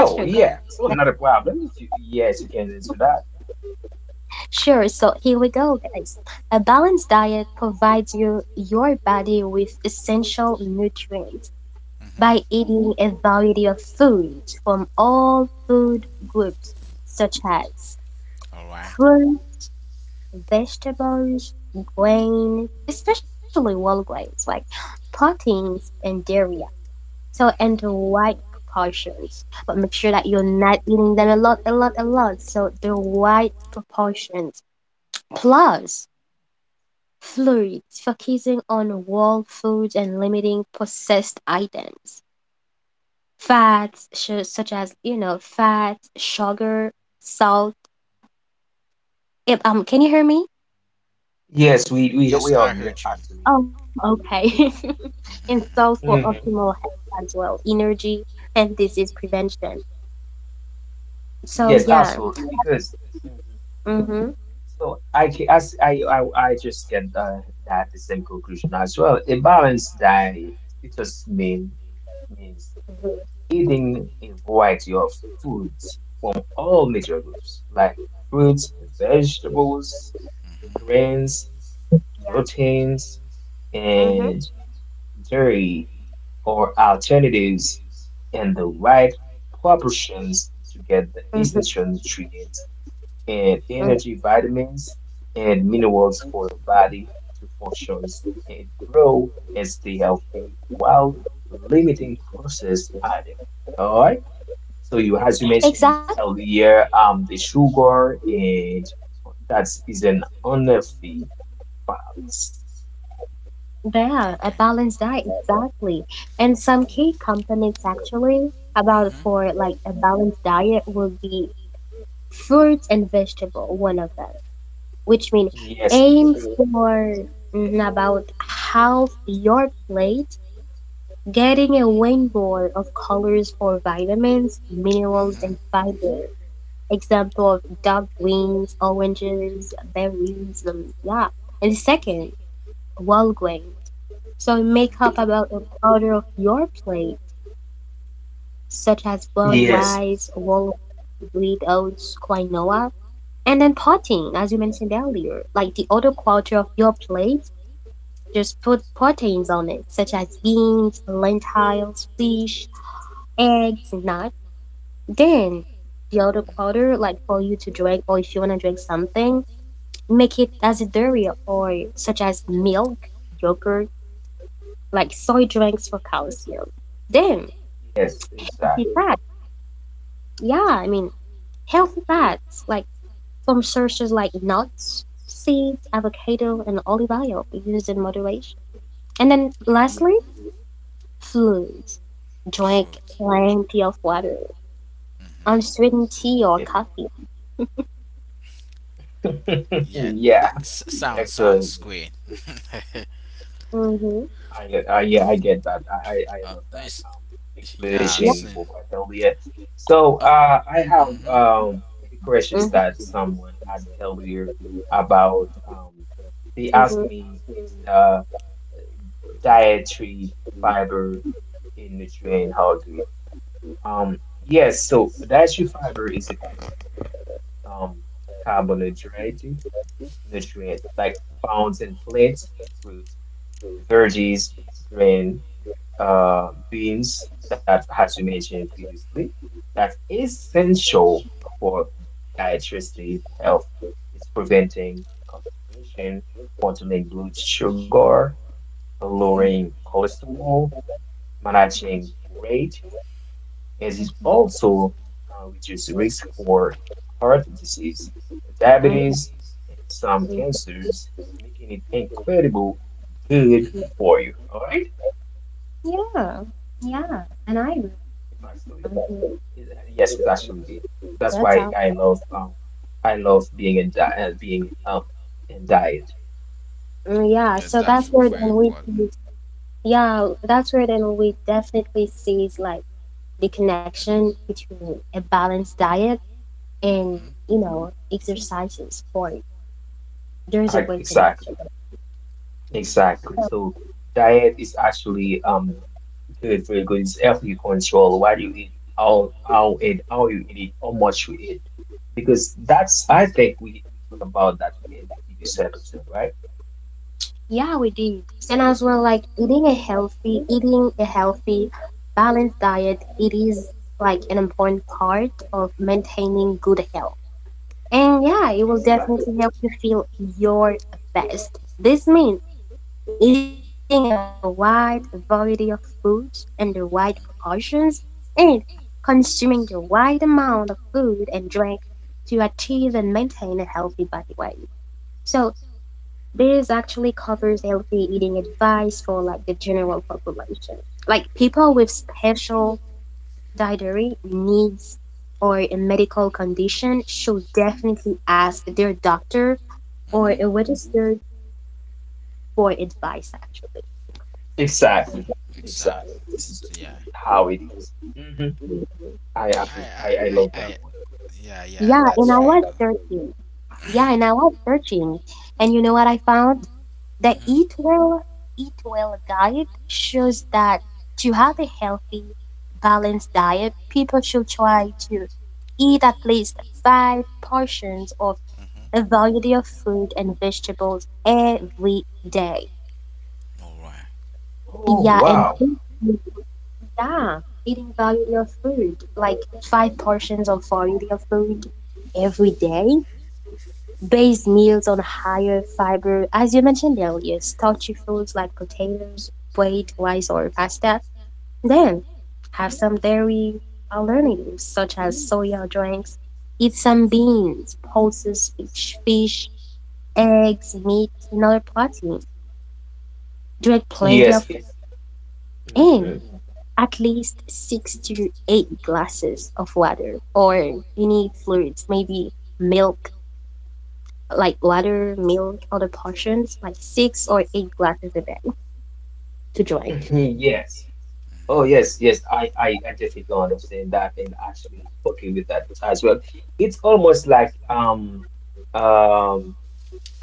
Ah, sure, go ahead.
yeah,
Mhm.
so not a problem. If you yes, you can answer that.
Sure. So here we go, guys. A balanced diet provides your body with essential nutrients by
Mhm.
eating a variety of foods from all food groups, such as
All right.
fruit, vegetables, grain, especially whole grains like proteins and dairy. So, and the
Mhm.
right proportions, but make sure that you're not eating them a lot, a lot, a lot. So the right proportions, plus fluids, focusing on whole foods and limiting processed items, fats such as, fats, sugar, salt. If, can you hear me?
Yes, we we
Yes,
we are
I
here
heard you.
actually.
Oh, okay. And salt
Mhm.
for
Hmm,
optimal health as well, energy and disease prevention. So
yes,
yeah.
absolutely. Because. Mhm.
Mhm.
So I can I s- I just get that the same conclusion as well. A balanced diet it just means
Mhm.
eating a variety of foods from all major groups like fruits, vegetables,
Mhm. Mhm.
grains, proteins,
Mhm.
and dairy or alternatives in the right proportions to get the essential nutrients and
Mhm.
energy vitamins and minerals for your body to function and grow and stay healthy while limiting processed items. All right. So you, as you mentioned
Exactly.
earlier, the sugar and that is an unhealthy fats.
Yeah, a
Okay.
balanced diet, exactly. And some
Mhm.
key components actually about
Mhm.
for like a balanced diet would be
Mhm.
fruits and vegetable, one of them, which mean
Yes,
aim for, about half your plate, getting a rainbow of colors for vitamins, minerals, and fiber. Example of dark greens, oranges, berries, yeah. And second, whole grain. So make up about an order of your plate, such as brown
yes,
rice, wall wheat oats, quinoa, and then protein, as you mentioned earlier. Like the other quarter of your plate, just put proteins on it, such as beans, lentils, fish, eggs, nuts. Then the other quarter, like for you to drink, or if you want to drink something,
Mhm.
make it as a dairy or such as milk, yogurt, like soy drinks for calcium. Then,
yes, exactly.
besides, yeah, I mean, healthy fats like from sources like nuts, seeds, avocado, and olive oil used in moderation. And then lastly,
Yes,
fluids. Drink
Fruit.
plenty of water,
Mm-hmm.
unsweetened tea or coffee.
yes.
Yeah, that
Yeah,
sounds
excellent.
great.
Mm-hmm.
Yeah, I get that. I
uh,
love that
it's, yeah,
Yep.
explanation you
same.
provided earlier. So,
Oh,
I have
mm-hmm,
questions
Mm-hmm.
that someone asked earlier about. They asked
Mm-hmm.
me is the dietary fiber and nutrient how good. Um, yes, so dietary fiber is a crucial um carbohydrate nutrient like found in plants, fruits, veggies, grain, beans that as you mentioned previously, that's essential for digestive health. It's preventing constipation, controlling blood sugar,
mm-hmm,
lowering cholesterol, managing weight as it
Mhm.
also reduces risk for heart disease,
Mm-hmm.
diabetes, and some cancers, making it incredible good
mm-hmm.
for you. All right?
Yeah, yeah, and I agree.
It's actually,
Mhm.
yes, it's actually good. That's
That's how.
why I love being in di being in diet.
Mm, yeah,
Yeah,
so
that's
that's where
very
then we,
important.
yeah, that's where then we definitely sees like the connection between a balanced diet and
Mm-hmm,
exercise and sport. There is a great
Exactly,
connection.
exactly. So diet is actually good, very good. It's healthy control. What you eat, how and how you eat it, how much you eat. Because that's I think we talk about that in the previous episode, right?
Yeah, we did. And as well, like eating a healthy, balanced diet, it is like an important part of maintaining good health. And yeah, it will
Exactly.
definitely help you feel your best. This means eating a wide
mm-hmm,
variety of foods in the right proportions, and consuming the right amount of food and drink to achieve and maintain a healthy body weight. So this actually covers healthy eating advice for like the general population. Like people with special dietary needs or a medical condition should definitely ask their doctor or
mm-hmm.
a registered for advice actually.
Exactly.
Exactly.
Exactly. This is
It's, yeah.
how it is. Mm-hmm. I
I,
appreciate
I,
I
I,
love
I,
that one.
yeah, yeah,
Yeah,
that's
and I
very
was
good.
searching. Yeah, and I was searching. And you know what I found? The
Mm-hmm,
Eat Well guide shows that to have a healthy, balanced diet, people should try to eat at least 5 portions of
mm-hmm.
a variety of fruit and vegetables every day.
All right.
Oh
Yeah,
wow.
yeah, eating variety of food, like 5 portions of variety of food every day. Base meals on higher fiber, as you mentioned earlier, starchy foods like potatoes, wheat, rice, or pasta. Then have some dairy alternatives such as soya drinks. Eat some beans, pulses, fish, eggs, meat, and other protein. Drink plenty
Yes,
of
it's.
and
Mhm.
at least 6 to 8 glasses of water or you need fluids, maybe milk, like water, milk, other portions, like 6 or 8 glasses a day to
Mhm,
drink.
yes. Oh
Mm-hmm.
yes, yes. I definitely understand that and actually okay with that as well. It's almost like um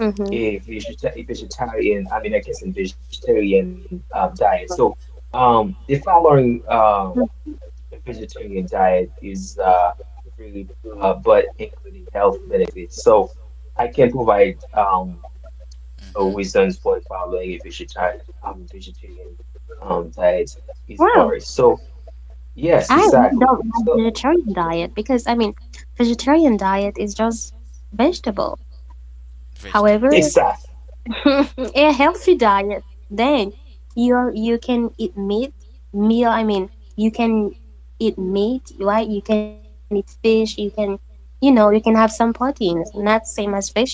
Mm-hmm.
a vegetarian, I mean, I guess, a vegetarian diet. So, the following vegetarian diet is free, but including health benefits. So, I can provide so
Mm-hmm.
reasons for following a vegetarian diet is
Wow.
various. So, yes,
I really
exactly.
don't like
So,
vegetarian diet because I mean, vegetarian diet is just vegetable.
Vegetable.
However, a
exactly.
healthy diet, then you can eat meat, meal. I mean, you can eat meat, right? You can eat fish. You can, you know, you can have some proteins, not same as vegetable.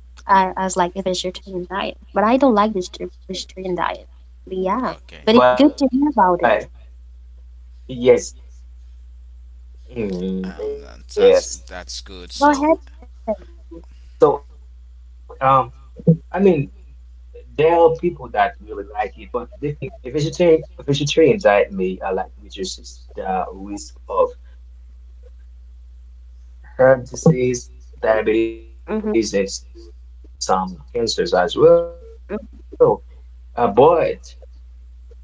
I was like a vegetarian diet, but I don't like this vegetarian diet. But yeah,
Okay.
but it's good to hear about it.
Um,
But
that's that's that's
yes,
good.
Go
So,
ahead.
mm, yes. So, I mean, there are people that really like it, but they start learning um, a vegetarian diet may like reduces the risk of
Mm-hmm,
heart disease, diabetes, and some cancers as well. But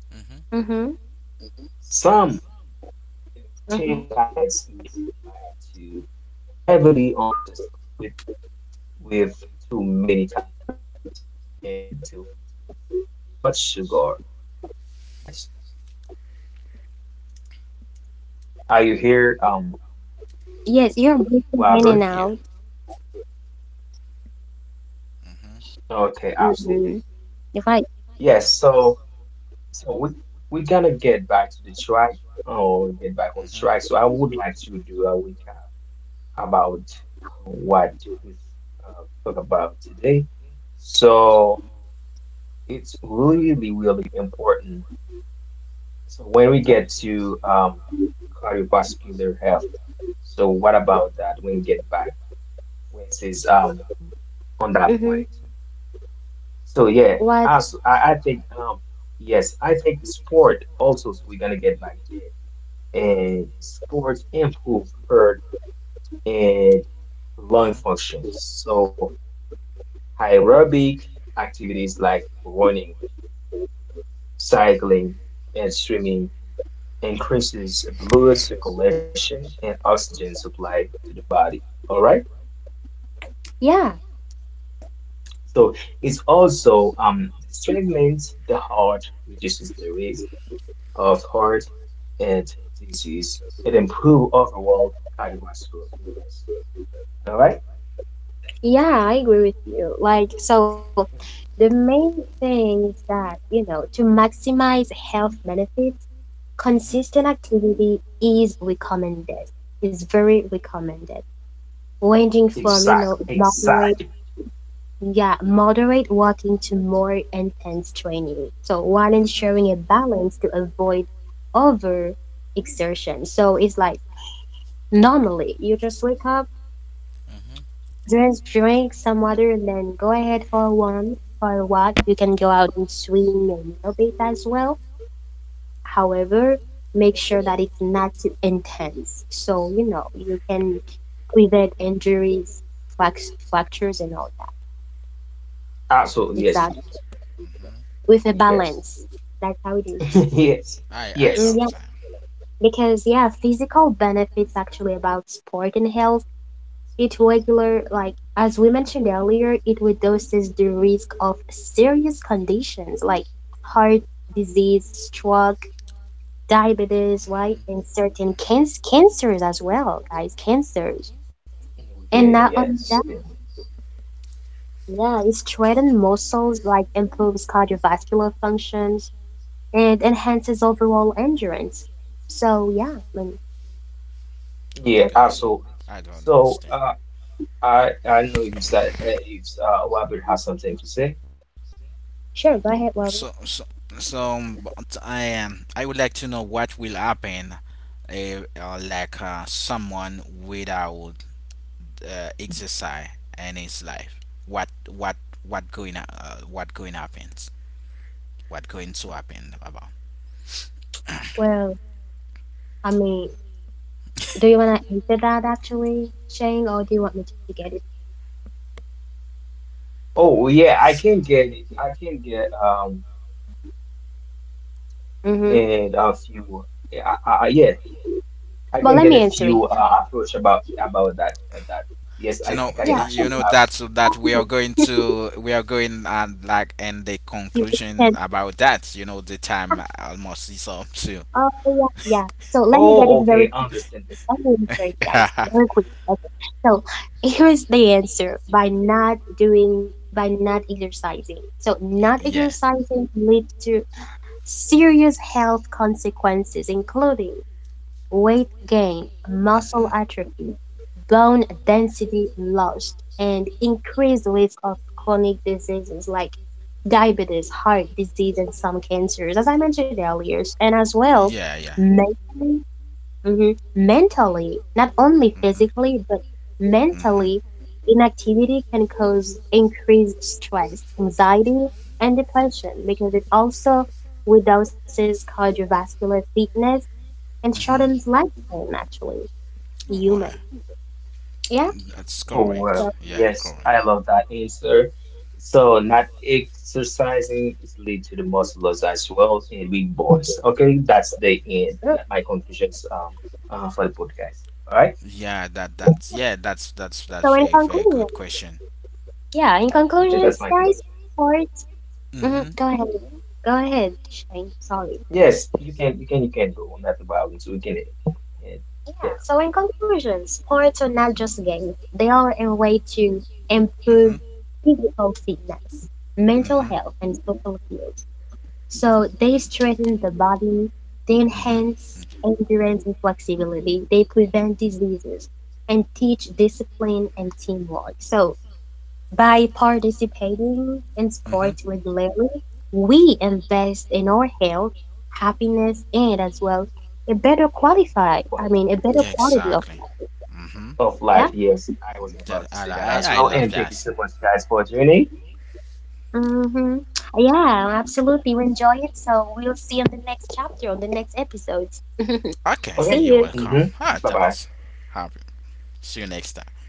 mm-hmm.
some
mm-hmm,
vegetarian diets may rely too
mm-hmm.
heavily on processed food with too many calories and too much sugar. That's the part itself, right? Yes, absolutely. Can you hear me, guys? Are you here,
Yes, you're breaking in
I'm
and
here.
Robert?
out.
Mm-hmm.
Okay,
Mm-hmm.
absolutely.
If I,
Yes, so we're gonna get back to the track or get back on
Mm-hmm.
track. So I would like to do a recap about what we uh, talk about today. So it's really, really important. So when we get to cardiovascular health, so what about that when we get back? When it says on that point?
mm-hmm.
So yeah,
What?
as I think yes, I think sport also so we're gonna get back there. And sports improve heart and
Mm-hmm.
lung
Mm-hmm.
functions. So aerobic activities like running, cycling, and swimming increases blood circulation and oxygen supply to the body. All right.
Yeah,
So it's also strengthens the heart, reduces the risk of heart and disease and improve overall cardiovascular fitness. All right?
yeah, I agree with you. Like, so the main thing is that, you know, to maximize health benefits,
Mm-hmm.
consistent activity is recommended. It's very recommended. Ranging
Exact,
from, you know,
exact.
moderate. Yeah, moderate walking to more intense training. So while ensuring a balance to avoid over exertion. So it's like normally you just wake up,
Mm-hmm.
drink some water, and then go ahead for a one for a walk. You can go out and swim a little bit as well. However, make sure that it's not too intense. So you know you can prevent injuries, frac- fractures, and all that.
Absolutely,
Exactly
yes, it
Awesome.
does.
Mm-hmm.
with a
Yes,
balance. That's how it is.
yes,
I
Mm,
yes,
yeah,
love that.
because yeah, physical benefits actually about sport and health. It regular like as we mentioned earlier, it reduces the risk of serious conditions like heart disease, stroke, diabetes, right, and certain
Mm-hmm. Mm-hmm.
cancers as well, guys, cancers.
yeah,
And not only
yes,
that,
yes,
yeah, it strengthens muscles, like improves cardiovascular functions and enhances overall endurance. So yeah, I mean,
yeah,
that.
Okay.
absolutely.
I don't
So,
understand.
I don't know if it's that if Robert has something to say.
Sure, go ahead,
So,
Robert.
so, so, but I would like to know what will happen, like someone without exercise in his life. What, what, what going happens? What going to happen about?
Well, I mean, do you want to answer that actually, Shane, or do you want me to get it?
Oh, yeah, I can get it. I can get in
Mm-hmm.
a few. Yeah, yeah. I
But
can
let
get a
me answer it.
few approach about that. Yes,
So
I
no,
I can
Yeah.
you
actually
know
Sure,
have
that's
some.
that
let
we are going
me.
to we are going and like and the
You
conclusion
can-
about that. You know the time almost is up too.
oh, yeah. Yeah. So let me get it
Oh,
very
okay,
quickly.
understandable.
Let me answer it, guys. Very quick. Okay. So here's the answer by not doing, by not exercising. So not
Yeah.
exercising leads to serious health consequences, including weight gain, muscle
Mhm.
atrophy, bone density loss, and increased risk of chronic diseases like diabetes, heart disease, and some cancers, as I mentioned earlier. And as well,
Yeah, yeah.
mentally, mhm, mentally, not only
Mhm.
physically, but
Mhm.
mentally, inactivity can cause increased stress, anxiety, and depression because it also reduces cardiovascular fitness and
Mhm.
shortens lifespan actually human.
Why?
Yeah,
That's
Oh
correct.
well,
so,
Yeah,
yes,
correct.
I love that answer. So not exercising is lead to the muscle loss as well and weak bones. Okay, that's the end.
really,
That my conclusions for the podcast. All right,
Yeah, that that's yeah, that's
so in
very very
conclusion,
good question.
yeah, in
yeah,
conclusions
that's my
guys,
conclusion.
sports, hmm,
Mhm.
go ahead, Shane, sorry.
Yes, you can do that about it. So we can uh,
Yeah,
get
so in conclusion, sports are not just games, they are a way to improve
Mhm.
physical fitness, mental
Mhm.
health, and social health. So they strengthen the body, they
Mhm.
enhance endurance and flexibility, they prevent diseases, and teach discipline and teamwork. So by participating in
Mhm.
sports regularly, we invest in our health, happiness, and as well a better qualify.
better
I mean,
quality
a better
Yeah,
quality of
exactly.
it.
Mhm.
of life.
Yeah.
Yes, I was about
That,
to
I, li-
say that as
I
well.
love
And thank you
that.
so much, guys, for joining.
Mm-hmm. Yeah, absolutely. We enjoy it. So we'll see you on the next chapter, on the next episodes.
Okay,
See
Okay.
you're
you.
welcome.
Mm-hmm.
Ah,
Bye
that's
bye.
happy. See you next time.